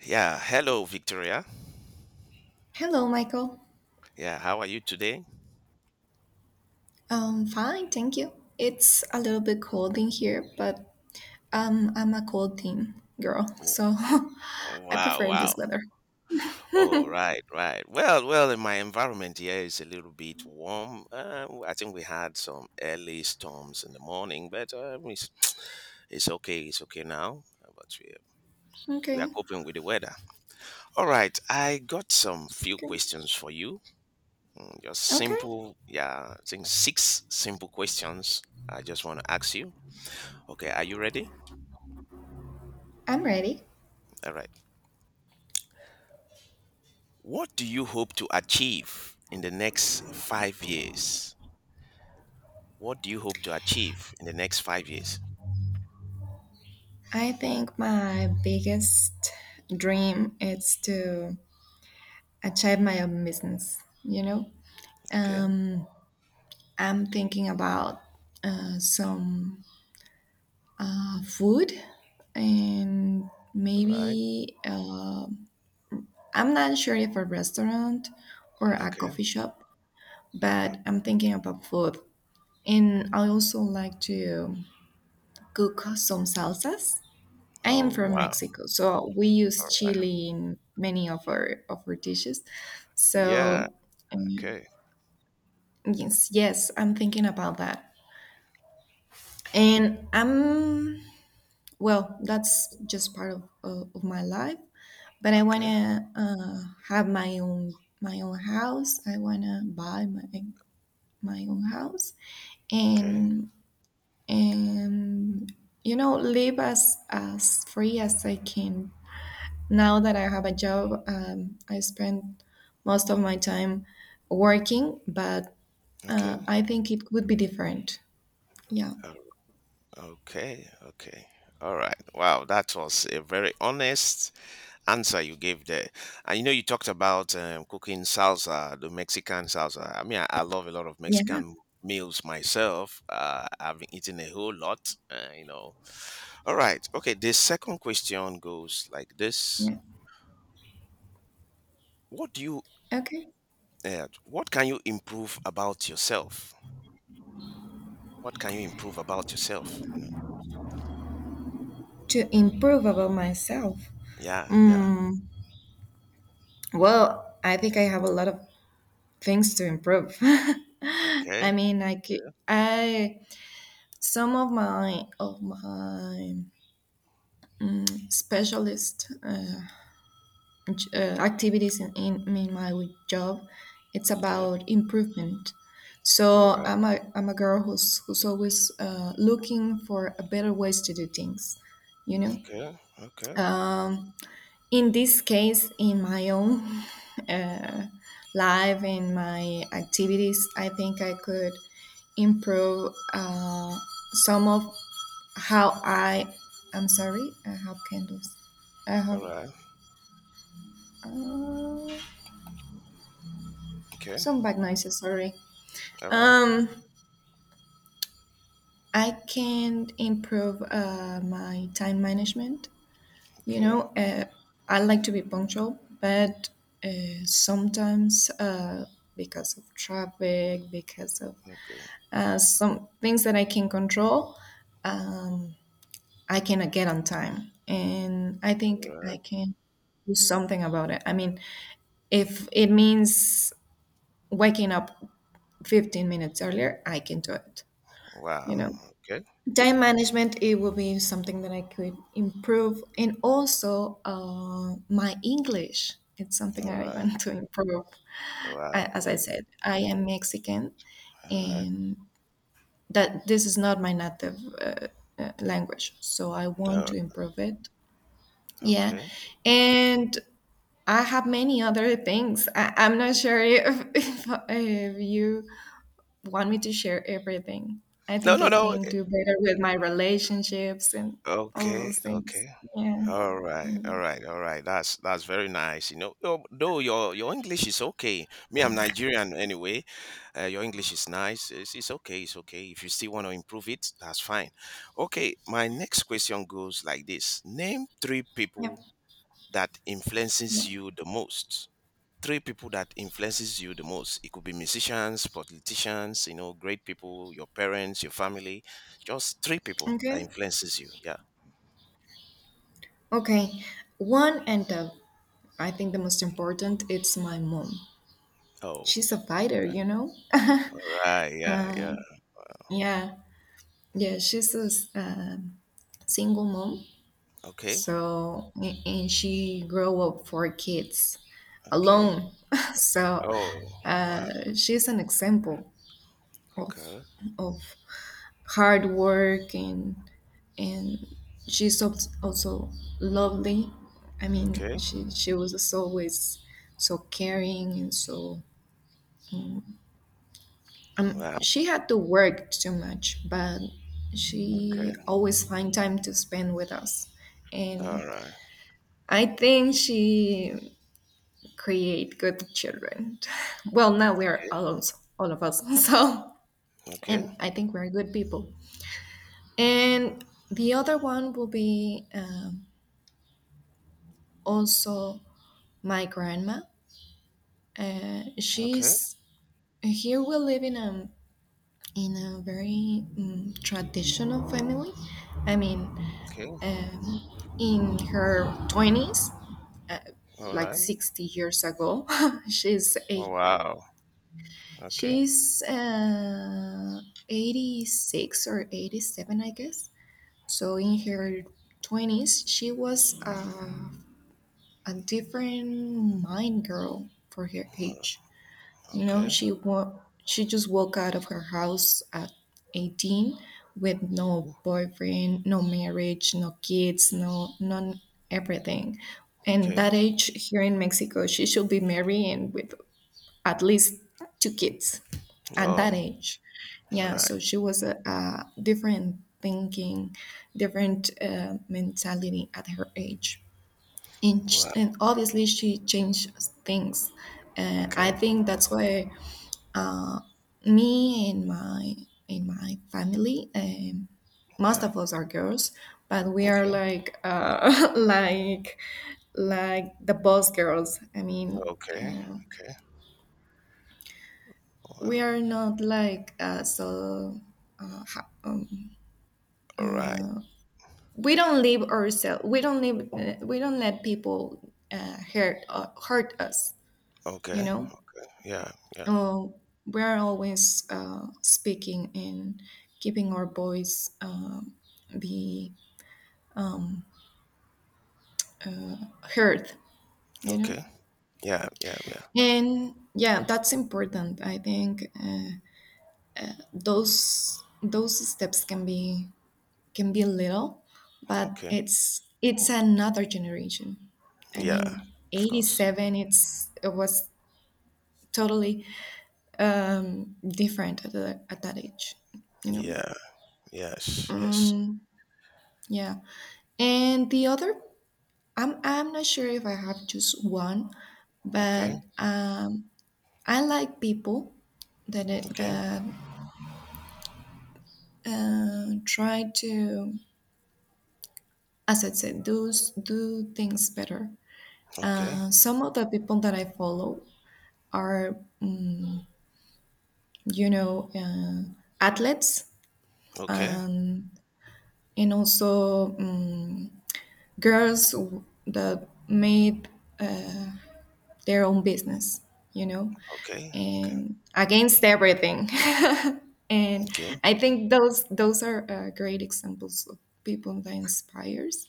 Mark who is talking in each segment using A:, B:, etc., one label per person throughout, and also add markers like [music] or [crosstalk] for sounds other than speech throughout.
A: Yeah, hello, Victoria.
B: Hello, Michael.
A: Yeah, how are you today?
B: Fine, thank you. It's a little bit cold in here, but I'm a cold team girl,
A: W-
B: so [laughs] I
A: Wow,
B: prefer
A: wow.
B: this weather.
A: Oh, right, right. Well, in my environment here is a little bit warm. I think we had some early storms in the morning, but it's okay. It's okay now. But we are
B: Okay,
A: coping with the weather. All right, I got some few
B: okay,
A: questions for you. Just
B: okay.
A: simple, yeah, I think six simple questions I just want to ask you. Okay, are you ready?
B: I'm ready.
A: All right. What do you hope to achieve in the next 5 years? What do you hope to achieve in the next 5 years?
B: I think my biggest dream is to achieve my own business.
A: Okay,
B: Um, I'm thinking about some food and
A: right.
B: maybe. I'm not sure if a restaurant or a coffee
A: Okay.
B: shop,
A: uh,
B: but I'm thinking about food. And I also like to cook some salsas. I am
A: Oh,
B: from
A: wow.
B: Mexico, so we use chili in many of our dishes.
A: Yeah.
B: So um,
A: Okay.
B: yes, yes, I'm thinking about that. And I'm, well, that's just part of my life. But I
A: Okay.
B: wanna have my own house. I wanna buy my own house
A: Okay.
B: and and you know, live as free as I can. Now that I have a job, I spend most of my time working, but
A: Okay.
B: I think it would be different. Yeah,
A: uh, Okay. Okay. All right. Wow. That was a very honest answer you gave there. And you know, you talked about cooking salsa, the Mexican salsa. I mean, I love a lot of
B: yeah,
A: Mexican meals myself. I've been eating a whole lot, All right. Okay. The second question goes like this:
B: yeah.
A: What do you,
B: Okay.
A: what can you improve about yourself? What can you improve about yourself? Mm,
B: To improve about myself.
A: Yeah. Yeah.
B: Mm, well, I think I have a lot of things to improve. [laughs]
A: Okay.
B: I mean, I could, I some of my specialist activities in my job. It's
A: Okay.
B: about improvement.
A: All
B: So
A: right.
B: I'm a girl who's always looking for a better ways to do things, you know?
A: Okay. Okay.
B: Um, in this case, in my own [laughs] uh, life, and my activities, I think I could improve some of how I, I'm sorry, I have candles. I have.
A: All right.
B: Uh,
A: Okay.
B: Some bad noises, sorry.
A: All right.
B: Um, I can improve my time management. You
A: Okay.
B: know, I like to be punctual, but sometimes because of traffic, because of
A: Okay.
B: some things that I can control, I cannot get on time. And I
A: All
B: think
A: right.
B: I can do something about it. I mean, if it means waking up 15 minutes earlier, I can do it,
A: Wow.
B: you know?
A: Okay.
B: Time management, it will be something that I could improve, and also my English, it's something
A: All
B: I
A: right.
B: want to improve.
A: Wow.
B: As I
A: wow,
B: said, I am Mexican,
A: All right.
B: and that this is not my native language, so I want
A: Uh,
B: to improve it. Yeah.
A: okay.
B: And I have many other things. I'm not sure if, [laughs] if you want me to share everything. I
A: No.
B: think
A: No.
B: I
A: No.
B: can do better with my relationships and all
A: Okay.
B: those things.
A: Okay.
B: Yeah.
A: All right,
B: Yeah.
A: all right, all right. That's very nice. You know, though your English is okay. Me, I'm Nigerian anyway. Your English is nice. It's okay. It's okay. If you still want to improve it, that's fine. Okay. My next question goes like this: Name three
B: Yeah.
A: people that
B: Yeah.
A: influences you the most. 3 people that influences you the most. It could be musicians, politicians, you know, great people, your parents, your family. Just 3 people that
B: Okay.
A: influences you. Yeah.
B: Okay. One and the, I think the most important, it's my mom.
A: Oh,
B: She's a fighter, you know?
A: all
B: [laughs]
A: right. Yeah, yeah.
B: Yeah, yeah, she's a single mom.
A: Okay.
B: So, and she grew up four kids
A: Okay.
B: alone. [laughs] So,
A: Oh, wow.
B: she's an example of
A: Okay.
B: of hard work and she's also lovely. I mean,
A: Okay.
B: she was just always so caring and so
A: Wow.
B: she had to work too much, but she
A: Okay.
B: always find time to spend with us. And
A: All right.
B: I think she create good children. [laughs] Well, now we are
A: Okay.
B: all of us, [laughs] so
A: Okay.
B: and I think we're good people. And the other one will be. Also my grandma.
A: Okay.
B: She's here. We live in a very traditional family. I mean,
A: okay,
B: in her twenties, uh,
A: All
B: like
A: right.
B: 60 years ago, [laughs] she's
A: Oh,
B: a
A: wow. Okay.
B: she's 86 or 87, I guess. So in her twenties, she was a different mind girl for her
A: All right.
B: age. You know,
A: Okay.
B: she just walked out of her house at 18 with no boyfriend, no marriage, no kids, no none everything. And
A: Okay.
B: that age here in Mexico, she should be married and with at least two kids at that
A: Oh,
B: age.
A: all
B: Yeah,
A: right.
B: so she was a different thinking, different mentality at her age, and,
A: Wow.
B: and obviously she changed things. I
A: Okay.
B: think that's why me and my family, most
A: Yeah.
B: of us are girls, but we are
A: Okay.
B: like [laughs] like the boss girls. I mean,
A: Okay.
B: uh,
A: Okay.
B: we
A: Wow.
B: are not like so. Uh, ho-
A: All right.
B: we don't leave ourselves. We don't leave. We don't let people hurt us. You
A: Okay.
B: know.
A: Yeah. Yeah.
B: Oh, we are always speaking and keeping our voice be heard, you know.
A: Okay. Yeah. Yeah. Yeah.
B: And yeah, that's important, I think. Those steps can be little, but
A: Okay.
B: it's another generation. I
A: Yeah.
B: mean,
A: Of course.
B: 87, it's it was totally different at, the, at that age, you know.
A: Yeah. Yes. Yes.
B: Yeah. And the other, I'm not sure if I have just one, but
A: Okay.
B: um I like people
A: Okay.
B: that try to, as I said, do things better.
A: Okay.
B: Some of the people that I follow are, you know, athletes,
A: Okay.
B: and also girls that made uh, their own business, you know,
A: Okay. Okay.
B: and against everything. [laughs] And
A: Okay.
B: I think those are great examples of people that inspires,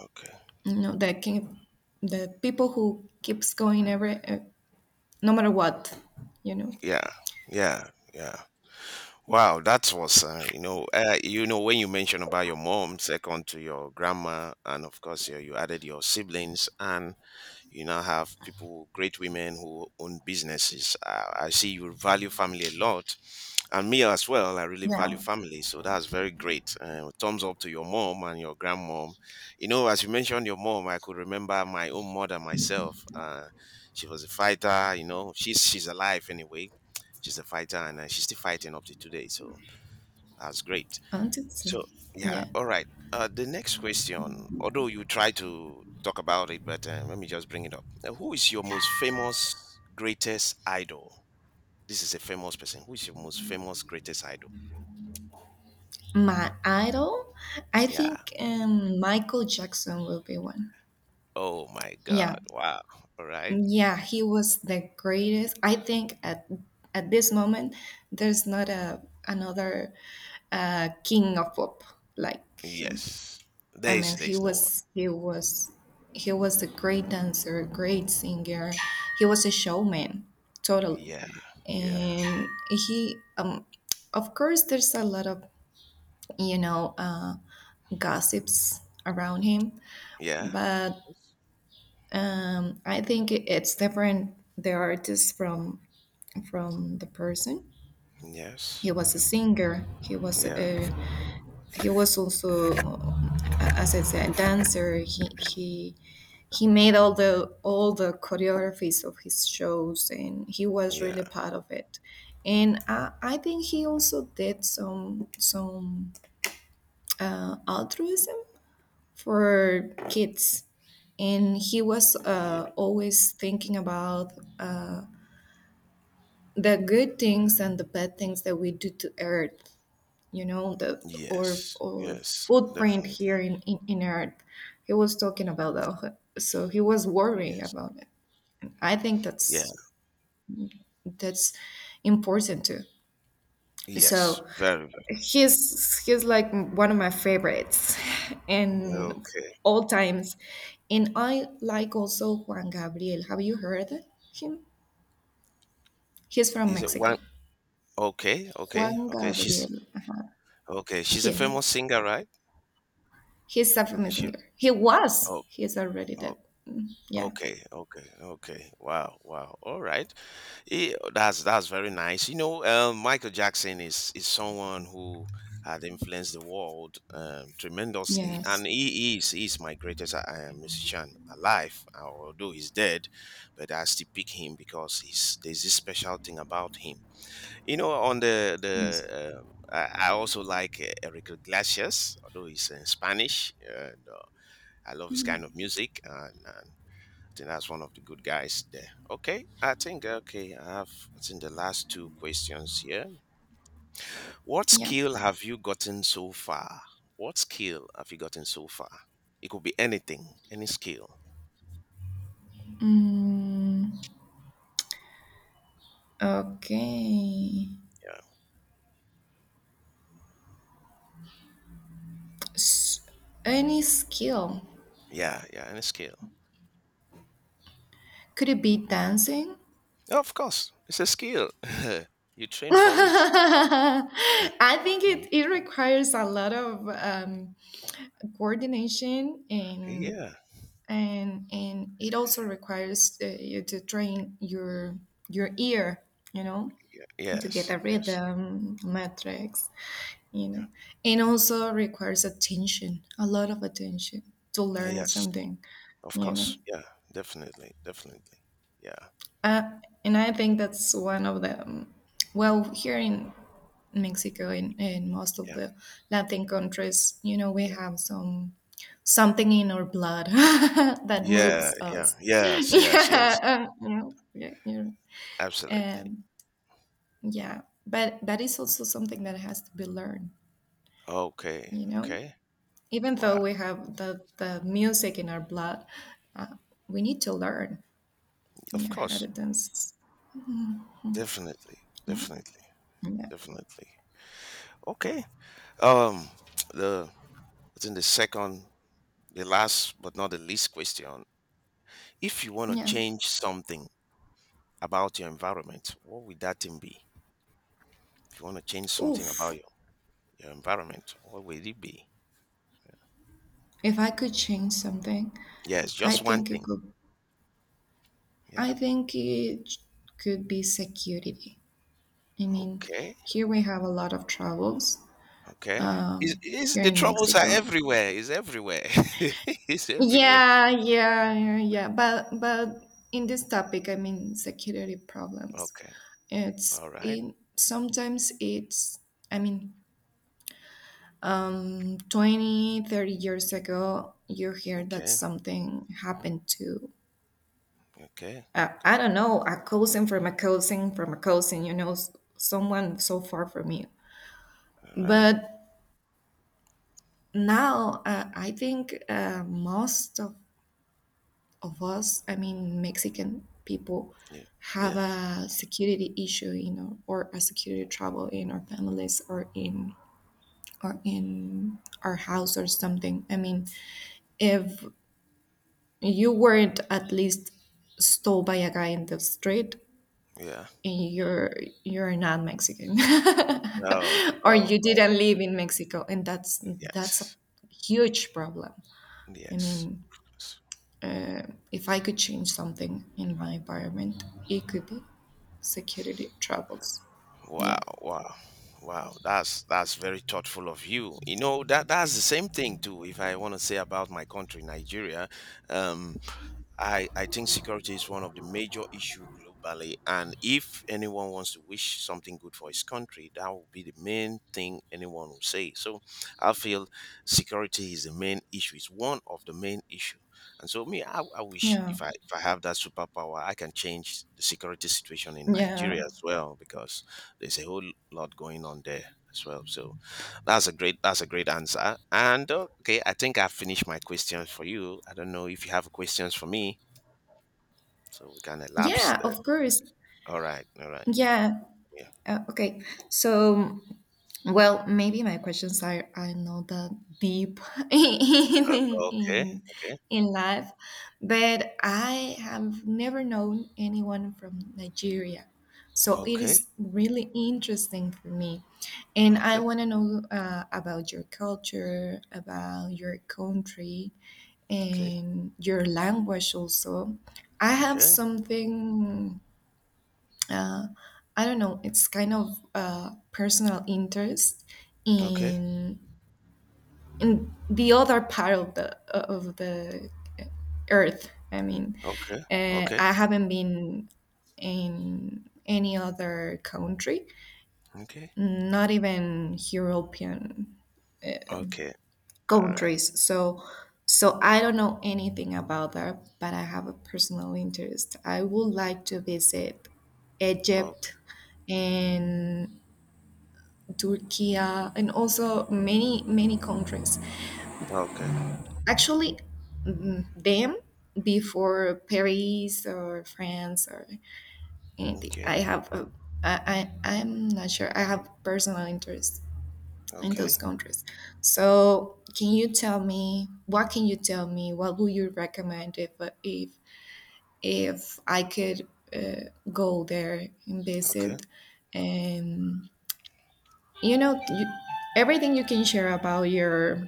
A: Okay.
B: you know, the king, the people who keeps going every no matter what, you know.
A: Yeah, yeah, yeah. Wow, that was you know when you mentioned about your mom, second to your grandma, and of course you added your siblings, and you now have people, great women who own businesses. I see you value family a lot, and me as well, I really
B: Yeah,
A: value family, so that's very great, thumbs up to your mom and your grandmom. You know, as you mentioned your mom, I could remember my own mother myself. She was a fighter, you know, she's alive anyway. She's a fighter, and she's still fighting up to today, so that's great.
B: antics.
A: So yeah,
B: Yeah,
A: all right, the next question, although you try to talk about it, but let me just bring it up. Who is your most famous greatest idol? This is a famous person. Who is your most famous greatest idol?
B: my idol, I
A: Yeah.
B: think Michael Jackson will be one.
A: Oh my
B: Yeah,
A: God. Wow. All right.
B: yeah, he was the greatest. I think at this moment, there's not a another king of pop like him.
A: Yes.
B: I
A: There is
B: mean,
A: there is no one.
B: he was a great dancer, a great singer. He was a showman, totally.
A: Yeah. Yeah.
B: And he, of course, there's a lot of, you know, gossips around him,
A: Yeah.
B: but I think it's different. The artist from the person.
A: Yes.
B: He was a
A: Yeah.
B: singer. He was
A: Yeah.
B: a he was also as I said, a dancer. He made all the choreographies of his shows, and he was
A: Yeah.
B: really part of it. And I think he also did some altruism for kids, and he was
A: Yeah.
B: always thinking about uh, the good things and the bad things that we do to Earth, you know, the
A: Yes.
B: or
A: Yes.
B: footprint here
A: Definitely.
B: in, in earth. He was talking about
A: Y-
B: that, so he was worried
A: Yes.
B: about it. I think
A: Yeah.
B: that's that's important too.
A: Yes.
B: So
A: Very
B: he's like one of my favorites
A: good.
B: in
A: Okay.
B: all times. And I like also Juan Gabriel, have you heard him? He's from
A: Is it
B: Mexico.
A: one? Okay. Okay.
B: Juan
A: Okay. She's
B: Gabriel, uh-huh.
A: okay. She's a
B: Here
A: famous singer, right?
B: he's a
A: Is
B: famous
A: She.
B: singer.
A: Oh.
B: He's already dead. Mm, yeah.
A: Okay, okay, okay. Wow, wow. All right. Yeah, that's very nice. You know, Michael Jackson is someone who had influenced the world tremendously,
B: Yes,
A: and he's my greatest musician alive. Although he's dead, but I still pick him because he's there's this special thing about him. You know, on
B: yes.
A: the I also like Enrique Iglesias, although he's in Spanish. And, I love his
B: Mhm.
A: kind of music, and I think that's one of the good guys there. Okay, I think okay. I think the last two questions here. What
B: Yeah.
A: skill have you gotten so far? What skill have you gotten so far? It could be anything, any skill.
B: Okay.
A: Yeah,
B: S- any skill?
A: yeah, any skill.
B: Could it be dancing?
A: Oh, of course, it's a skill. [laughs] You train
B: [laughs]
A: for it. Uh,
B: I think
A: Mm.
B: it, it requires a lot of coordination and
A: yeah,
B: and it also requires you to train your ear, you know,
A: yeah,
B: to get
A: yes,
B: a
A: yes,
B: rhythm, metrics, you
A: yeah,
B: know. And also requires attention, a lot of attention, to learn
A: Yes.
B: something,
A: Of
B: you
A: course,
B: know.
A: yeah, definitely, definitely. Yeah,
B: uh, and I think that's one of the well, here in Mexico and most of
A: yeah,
B: the Latin countries, you know, we
A: yeah,
B: have some something in our blood [laughs] that moves
A: yeah.
B: us. [laughs]
A: Yes, yes,
B: Yeah.
A: yes. Absolutely.
B: Um, yeah, but that is also something that has to be learned,
A: Okay.
B: you know.
A: Okay.
B: Even
A: Wow.
B: though we have the music in our blood, uh, we need to learn,
A: Of
B: yeah, how to
A: course.
B: dance.
A: Definitely.
B: Yeah,
A: Definitely.
B: yeah,
A: Definitely. Okay. Um. [tsk] The I think the second, the last but not the least question. If you want to
B: yeah.
A: change something about your environment, what would that thing be? If you want to change something about
B: Oof!
A: your environment, what would it be?
B: If I could change something,
A: Yes,
B: I
A: just one
B: think it
A: thing.
B: could.
A: Yeah.
B: I think it could be security. I mean,
A: Okay.
B: here we have a lot of troubles
A: Okay. Is
B: here
A: the
B: in
A: troubles are
B: Mexico.
A: everywhere? Is everywhere? [laughs] Is everywhere.
B: Yeah, yeah, yeah, yeah. But in this topic, I mean, security problems.
A: Okay.
B: It's
A: All right.
B: in sometimes it's. I mean, 20, 30 years ago, you hear that
A: Okay,
B: something happened to,
A: okay, okay.
B: I don't know, a cousin from a cousin from a cousin, you know, someone so far from you.
A: All right.
B: But now, I think most of us, I mean, Mexican people,
A: Yeah,
B: have
A: yeah,
B: a security issue, you know, or a security
A: okay.
B: trouble in our families or in our house or something. I mean, if you weren't at least stole by a guy in the street,
A: yeah.
B: and you're not Mexican. [laughs]
A: Oh,
B: Or
A: oh,
B: you
A: oh.
B: didn't live in Mexico, and that's a
A: Yes,
B: huge problem. I
A: yes.
B: mean,
A: Yes.
B: uh, if I could change something in my environment, it could be security troubles.
A: Wow,
B: Yeah.
A: wow, wow. That's very thoughtful of you. You know that that's the same thing too. If I want to say about my country, Nigeria, um, I think security is one of the major issue globally. And if anyone wants to wish something good for his country, that will be the main thing anyone will say. So I feel security is the main issue. It's one of the main issue. And so me, I wish
B: Yeah.
A: if I have that superpower, I can change the security situation in Nigeria
B: Yeah.
A: as well, because there's a whole lot going on there as well. So that's a great answer. And okay, I think I've finished my questions for you. I don't know if you have questions for me. So we can elapse
B: Yeah,
A: there.
B: of course.
A: All right, all right.
B: Yeah.
A: Yeah.
B: Okay. So, well, maybe my questions are not that deep [laughs] in,
A: Okay,
B: in,
A: okay,
B: in life, but I have never known anyone from Nigeria. So it
A: okay,
B: is really interesting for me. And I
A: okay,
B: want to know about your culture, about your country,
A: okay,
B: and your language also. I have
A: okay,
B: something, uh, I don't know, it's kind of personal interest
A: okay,
B: in in the other part of the earth. I mean,
A: okay, okay,
B: I haven't been in any other country,
A: okay,
B: not even European
A: okay. All right.
B: countries. So so I don't know anything about that, but I have a personal interest. I would like to visit Egypt
A: Okay,
B: and Turkey, and also many, many countries.
A: okay,
B: Actually, them before Paris or France or anything.
A: okay,
B: I have, a, I'm not sure. I have personal interest in those
A: okay,
B: countries. So, can you tell me, what can you tell me? What would you recommend if if if I could go there and
A: okay.
B: visit? And you know, you, everything you can share about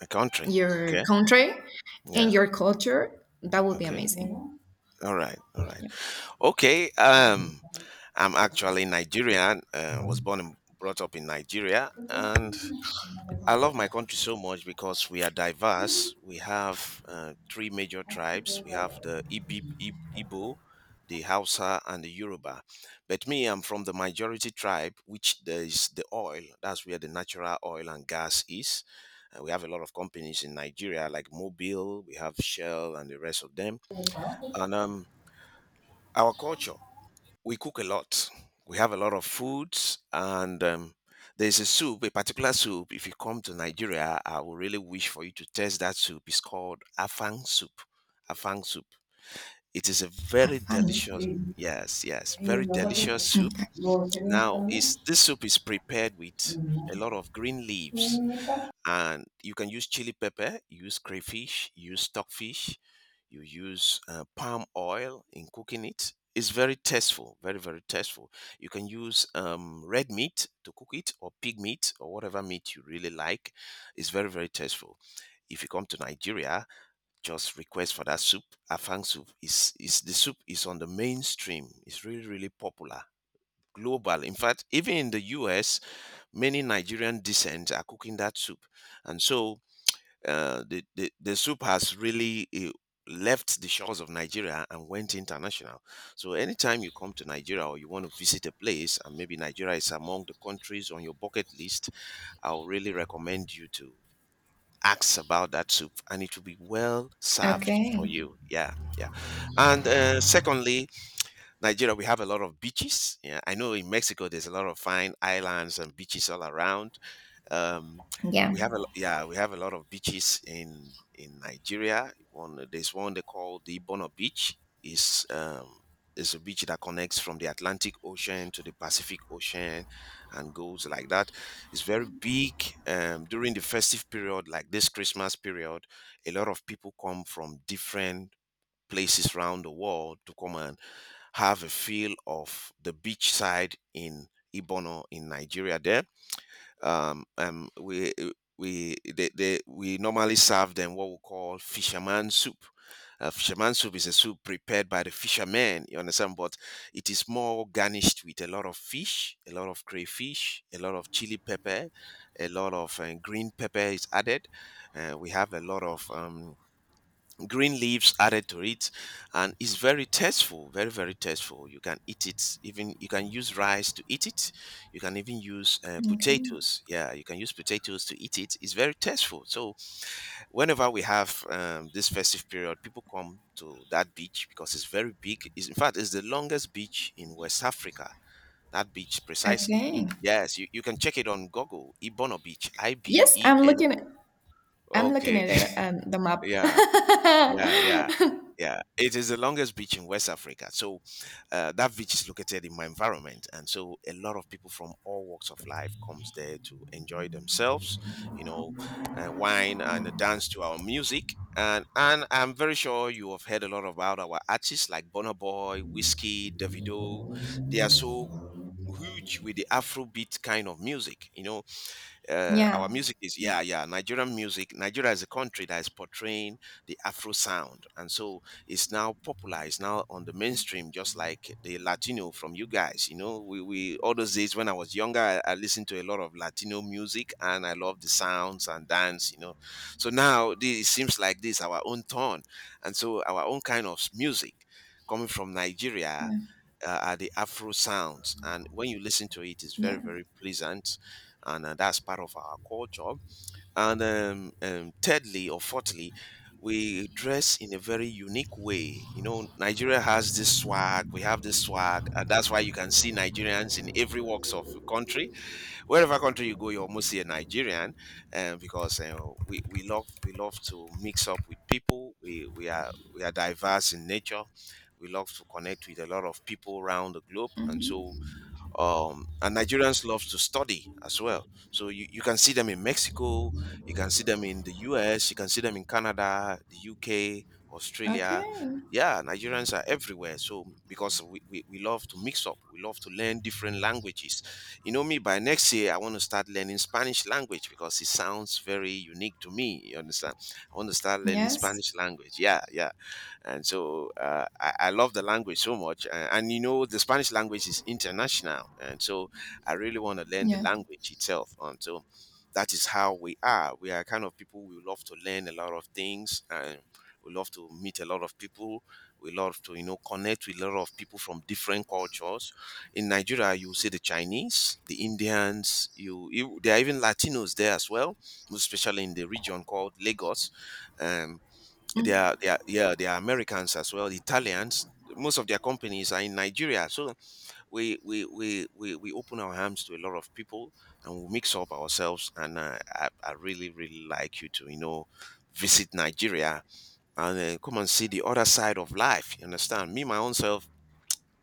A: A country.
B: your
A: Okay.
B: country and
A: Yeah.
B: your culture. That would be
A: Okay.
B: amazing.
A: All right. All right.
B: Yeah.
A: Okay. I'm actually Nigerian. Was born and brought up in Nigeria, and I love my country so much because we are diverse. We have 3 major tribes. We have the Igbo, the Hausa, and the Yoruba. But me, I'm from the majority tribe, which there is the oil. That's where the natural oil and gas is. We have a lot of companies in Nigeria, like Mobil. We have Shell and the rest of them. And our culture, we cook a lot. We have a lot of foods, and there's a soup, a particular soup. If you come to Nigeria, I would really wish for you to taste that soup. It's called afang soup. Afang soup. It is a
B: Have
A: very
B: fun.
A: delicious, yes, yes, very
B: Okay.
A: delicious soup. Now, is this soup is prepared with a lot of green leaves, and you can use chili pepper, you use crayfish, you use stockfish, you use palm oil in cooking it. It's very tasteful, very very tasteful. You can use red meat to cook it, or pig meat, or whatever meat you really like. It's very very tasteful. If you come to Nigeria, just request for that soup. Afang soup is the soup is on the mainstream. It's really really popular global. In fact, even in the US, many Nigerian descent are cooking that soup. And so the soup has really left the shores of Nigeria and went international. So anytime you come to Nigeria or you want to visit a place, and maybe Nigeria is among the countries on your bucket list, I'll really recommend you to ask about that soup, and it will be well served for
B: Okay.
A: you. Yeah, yeah. And secondly, Nigeria, we have a lot of beaches. Yeah, I know in Mexico there's a lot of fine islands and beaches all around. Um
B: Yeah.
A: we have a lo- Yeah, we have a lot of beaches in Nigeria. One, there's one they call the Ibono beach. is um is a beach that connects from the Atlantic Ocean to the Pacific Ocean and goes like that. It's very big. During the festive period, like this Christmas period, a lot of people come from different places around the world to come and have a feel of the beachside in Ibono in Nigeria there. We we they we normally serve them what we call fisherman soup. Fisherman soup is a soup prepared by the fishermen, you understand, but it is more garnished with a lot of fish, a lot of crayfish, a lot of chili pepper, a lot of green pepper is added. We have a lot of green leaves added to it, and it's very tasteful, very tasteful. You can eat it, even you can use rice to eat it. You can even use
B: Okay.
A: potatoes, yeah, you can use potatoes to eat it. It's very tasteful. So whenever we have this festive period, people come to that beach because it's very big. In fact, it's the longest beach in West Africa, that beach precisely.
B: Okay.
A: Yes, you can check it on Google. Ibono beach,
B: Yes, I'm looking.
A: Ibeno,
B: I'm looking
A: okay.
B: at
A: [laughs]
B: it, the map.
A: Yeah, yeah, yeah,
B: [laughs]
A: yeah. It is the longest beach in West Africa. So that beach is located in my environment, and so a lot of people from all walks of life comes there to enjoy themselves. You know, wine and dance to our music. And I'm very sure you have heard a lot about our artists like Burna Boy, Whiskey, Davido. They are so huge with the Afrobeat kind of music. You know,
B: Yeah.
A: our music is, yeah, yeah. Nigerian music. Nigeria is a country that is portraying the Afro sound, and so it's now popular. It's now on the mainstream, just like the Latino from you guys. You know, we, all those days when I was younger, I listened to a lot of Latino music, and I love the sounds and dance. You know, so now this, it seems like this our own turn, and so our own kind of music coming from Nigeria
B: Yeah.
A: are the Afro sounds, and when you listen to it, it's very,
B: Yeah.
A: very pleasant, and that's part of our culture. And thirdly, or fourthly, we dress in a very unique way. You know, Nigeria has this swag. We have this swag, and that's why you can see Nigerians in every walks of the country. Wherever country you go, you almost see a Nigerian, because we love we love to mix up with people. We are diverse in nature. We love to connect with a lot of people around the globe, and so
B: Hmm.
A: and Nigerians love to study as well. So you can see them in Mexico, you can see them in the US, you can see them in Canada, the UK, Australia.
B: Okay.
A: Yeah, Nigerians are everywhere. So because we love to mix up, we love to learn different languages. You know me, by next year I want to start learning Spanish language because it sounds very unique to me. You understand? I want to start learning
B: Yes.
A: Spanish language. Yeah, yeah, and so I love the language so much. And you know, the Spanish language is international, and so I really want to learn the
B: Yes.
A: language itself. And so that is how we are. We are kind of people, we love to learn a lot of things, and we love to meet a lot of people. We love to, you know, connect with a lot of people from different cultures. In Nigeria, you see the Chinese, the Indians. You, there are even Latinos there as well, especially in the region called Lagos. Um,
B: Mm.
A: yeah, they are Americans as well. Italians. Most of their companies are in Nigeria. So we open our arms to a lot of people, and we mix up ourselves. And I really really like you to, you know, visit Nigeria and come and see the other side of life. You understand? Me my own self.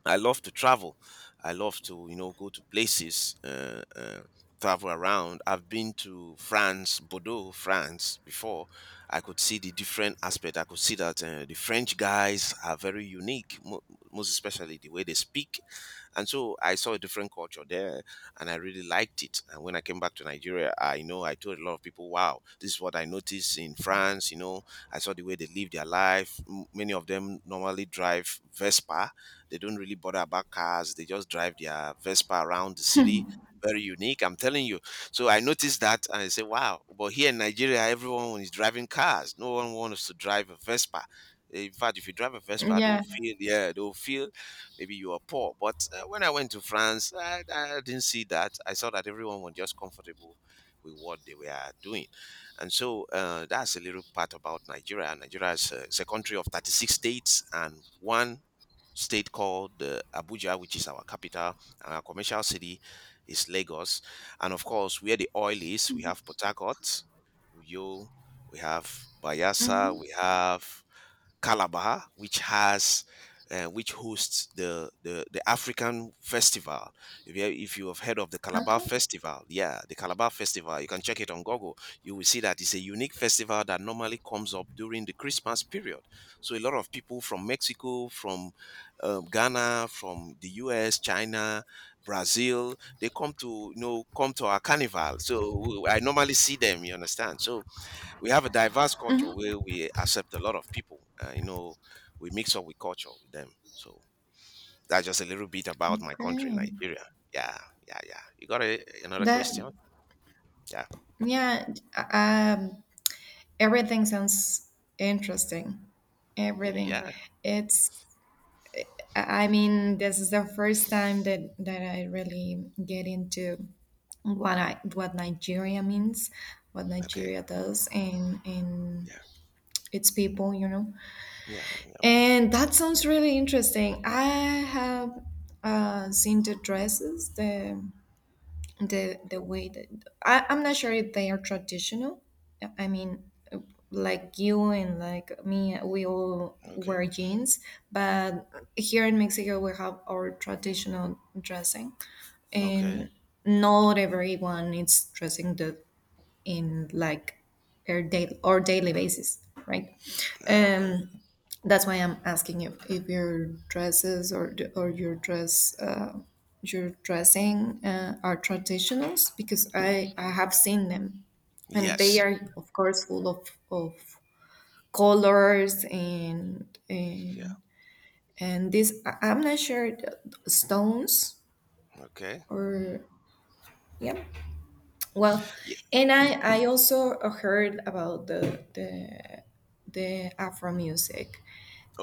A: I love to travel. I love to, you know, go to places, travel around. I've been to France, Bordeaux, France before. I could see the different aspect. I could see that the French guys are very unique, most especially the way they speak. And so I saw a different culture there, and I really liked it. And when I came back to Nigeria, I, you know, I told a lot of people, wow, this is what I noticed in France. You know, I saw the way they live their life. Many of them normally drive Vespa. They don't really bother about cars. They just drive their Vespa around the city. Very unique, I'm telling you. So I noticed that and I said, wow. But here in Nigeria, everyone is driving cars. No one wants to drive a Vespa. In fact, if you drive a Vespa, they'll
B: Yeah.
A: feel, yeah, they'll feel maybe you are poor. But when I went to France, I didn't see that. I saw that everyone was just comfortable with what they were doing. And so that's a little part about Nigeria. Nigeria is is a country of 36 states and one state called Abuja, which is our capital, and our commercial city is Lagos. And of course, where the oil is, we have Port Harcourt, Uyo, we have
B: Hmm.
A: Bayelsa, we have Calabar, which has which hosts the African festival. If you have heard of the Calabar
B: Okay.
A: Festival, yeah, the Calabar Festival, you can check it on Google. You will see that it's a unique festival that normally comes up during the Christmas period. So a lot of people from Mexico, from Ghana, from the U.S., China, Brazil, they come to, you know, come to our carnival. So I normally see them. You understand? So we have a diverse culture
B: Hmm.
A: where we accept a lot of people. You know, we mix up with culture with them. So that's just a little bit about my country,
B: Okay.
A: Nigeria. Yeah, yeah. You got a, another
B: That.
A: question? Yeah,
B: Yeah. Um. Everything sounds interesting. Everything.
A: yeah.
B: It's, I mean, this is the first time that I really get into what Nigeria means, what
A: Okay.
B: Nigeria does, and
A: Yeah,
B: its people, you know.
A: yeah.
B: And that sounds really interesting. I have seen the dresses, the the way that I'm not sure if they are traditional. I mean, like you and like me, we all
A: Okay,
B: wear jeans, but here in Mexico we have our traditional dressing,
A: okay, okay.
B: and not everyone is dressing the in like our daily or daily basis, right?
A: Okay.
B: Um, that's why I'm asking you if your dresses or your dress your dressing are traditionals, because I have seen them, and they
A: Yes.
B: are of course full of colors and
A: Yeah.
B: and this I'm not sure the stones
A: Okay.
B: or yeah well.
A: Yeah.
B: And I also heard about the the Afro music.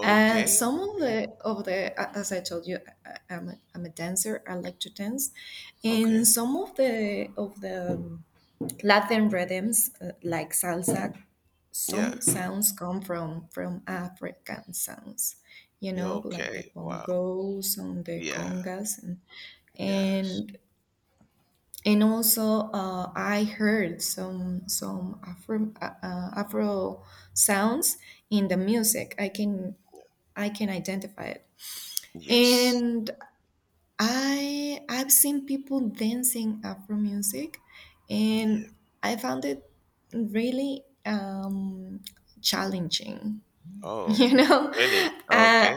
B: And
A: Okay.
B: some
A: Okay.
B: of the as I told you, I'm a dancer. I like to dance in
A: Okay.
B: some of the Latin rhythms like salsa,
A: Yeah.
B: some sounds come from African sounds. You
A: Yeah.
B: know, like the
A: Okay. Wow.
B: bongos and the
A: Yeah.
B: congas
A: Yes.
B: and and also, I heard some Afro Afro sounds in the music. I can identify it.
A: Yes.
B: And I I've seen people dancing Afro music,
A: Yeah.
B: and I found it really challenging. [laughs]
A: Oh.
B: You know,
A: Really?
B: uh,
A: Okay.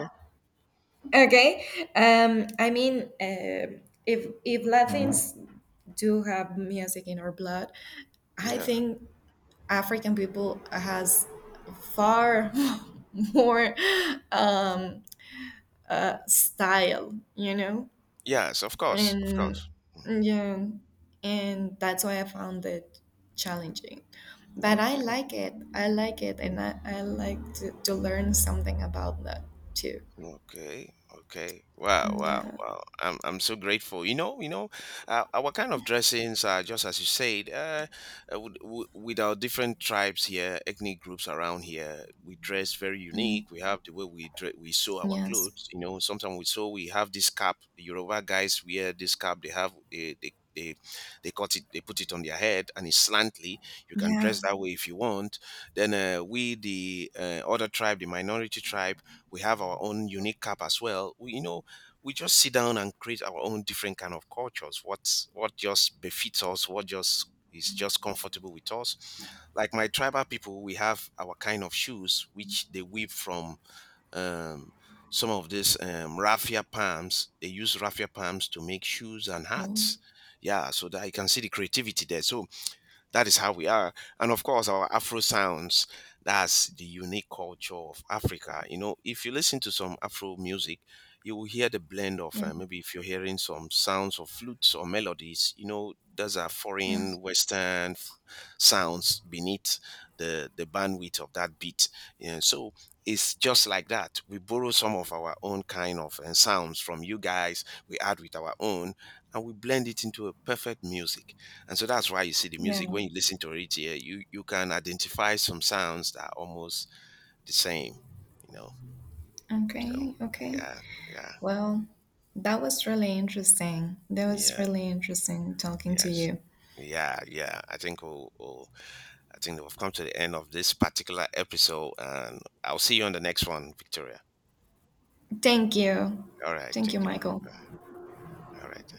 B: okay. I mean, if Latins do have music in our blood, I
A: Yeah.
B: think African people has far [laughs] more um, style, you know,
A: Yes. Of course. Of
B: and
A: course.
B: yeah, and that's why I found it challenging. But I
A: Okay,
B: like it. I like it, and I like to learn something about that too.
A: okay, okay. Wow, wow,
B: Yeah.
A: wow. I'm so grateful. Our kind of dressings are just as you said. With, with our different tribes here, ethnic groups around here, we dress very
B: Mm.
A: unique. We have the way we we sew our
B: Yes.
A: clothes. You know, sometimes we sew. We have this cap. The Yoruba guys wear this cap. They have they cut it. They put it on their head, and it's slantly. You can
B: Yeah.
A: dress that way if you want. Then we, the other tribe, the minority tribe, we have our own unique cup as well. You know, we just sit down and create our own different kind of cultures, what's what just befits us, what just is just comfortable with us. Like my tribal people, we have our kind of shoes which they weave from um, some of these raffia palms. They use raffia palms to make shoes and
B: Oh.
A: hats. Yeah, so that I can see the creativity there. So that is how we are. And of course, our Afro sounds, that's the unique culture of Africa. You know, if you listen to some Afro music, you will hear the blend of
B: Yeah.
A: maybe if you're hearing some sounds of flutes or melodies, you know, those are
B: Yes.
A: foreign Western sounds beneath the bandwidth of that beat. Yeah, so it's just like that. We borrow some of our own kind of sounds from you guys, we add with our own, and we blend it into a perfect music. And so that's why you see the
B: Yeah.
A: music when you listen to it here, you can identify some sounds that are almost the same, you know. So
B: Okay. Okay.
A: yeah, yeah,
B: Well, that was really interesting. That was
A: yeah,
B: really interesting talking to
A: yes.
B: you.
A: Yeah, yeah. I think we'll I think we've come to the end of this particular episode, and I'll see you on the next one, Victoria.
B: Thank you.
A: All right,
B: Thank
A: take
B: you,
A: care.
B: Michael.
A: All right.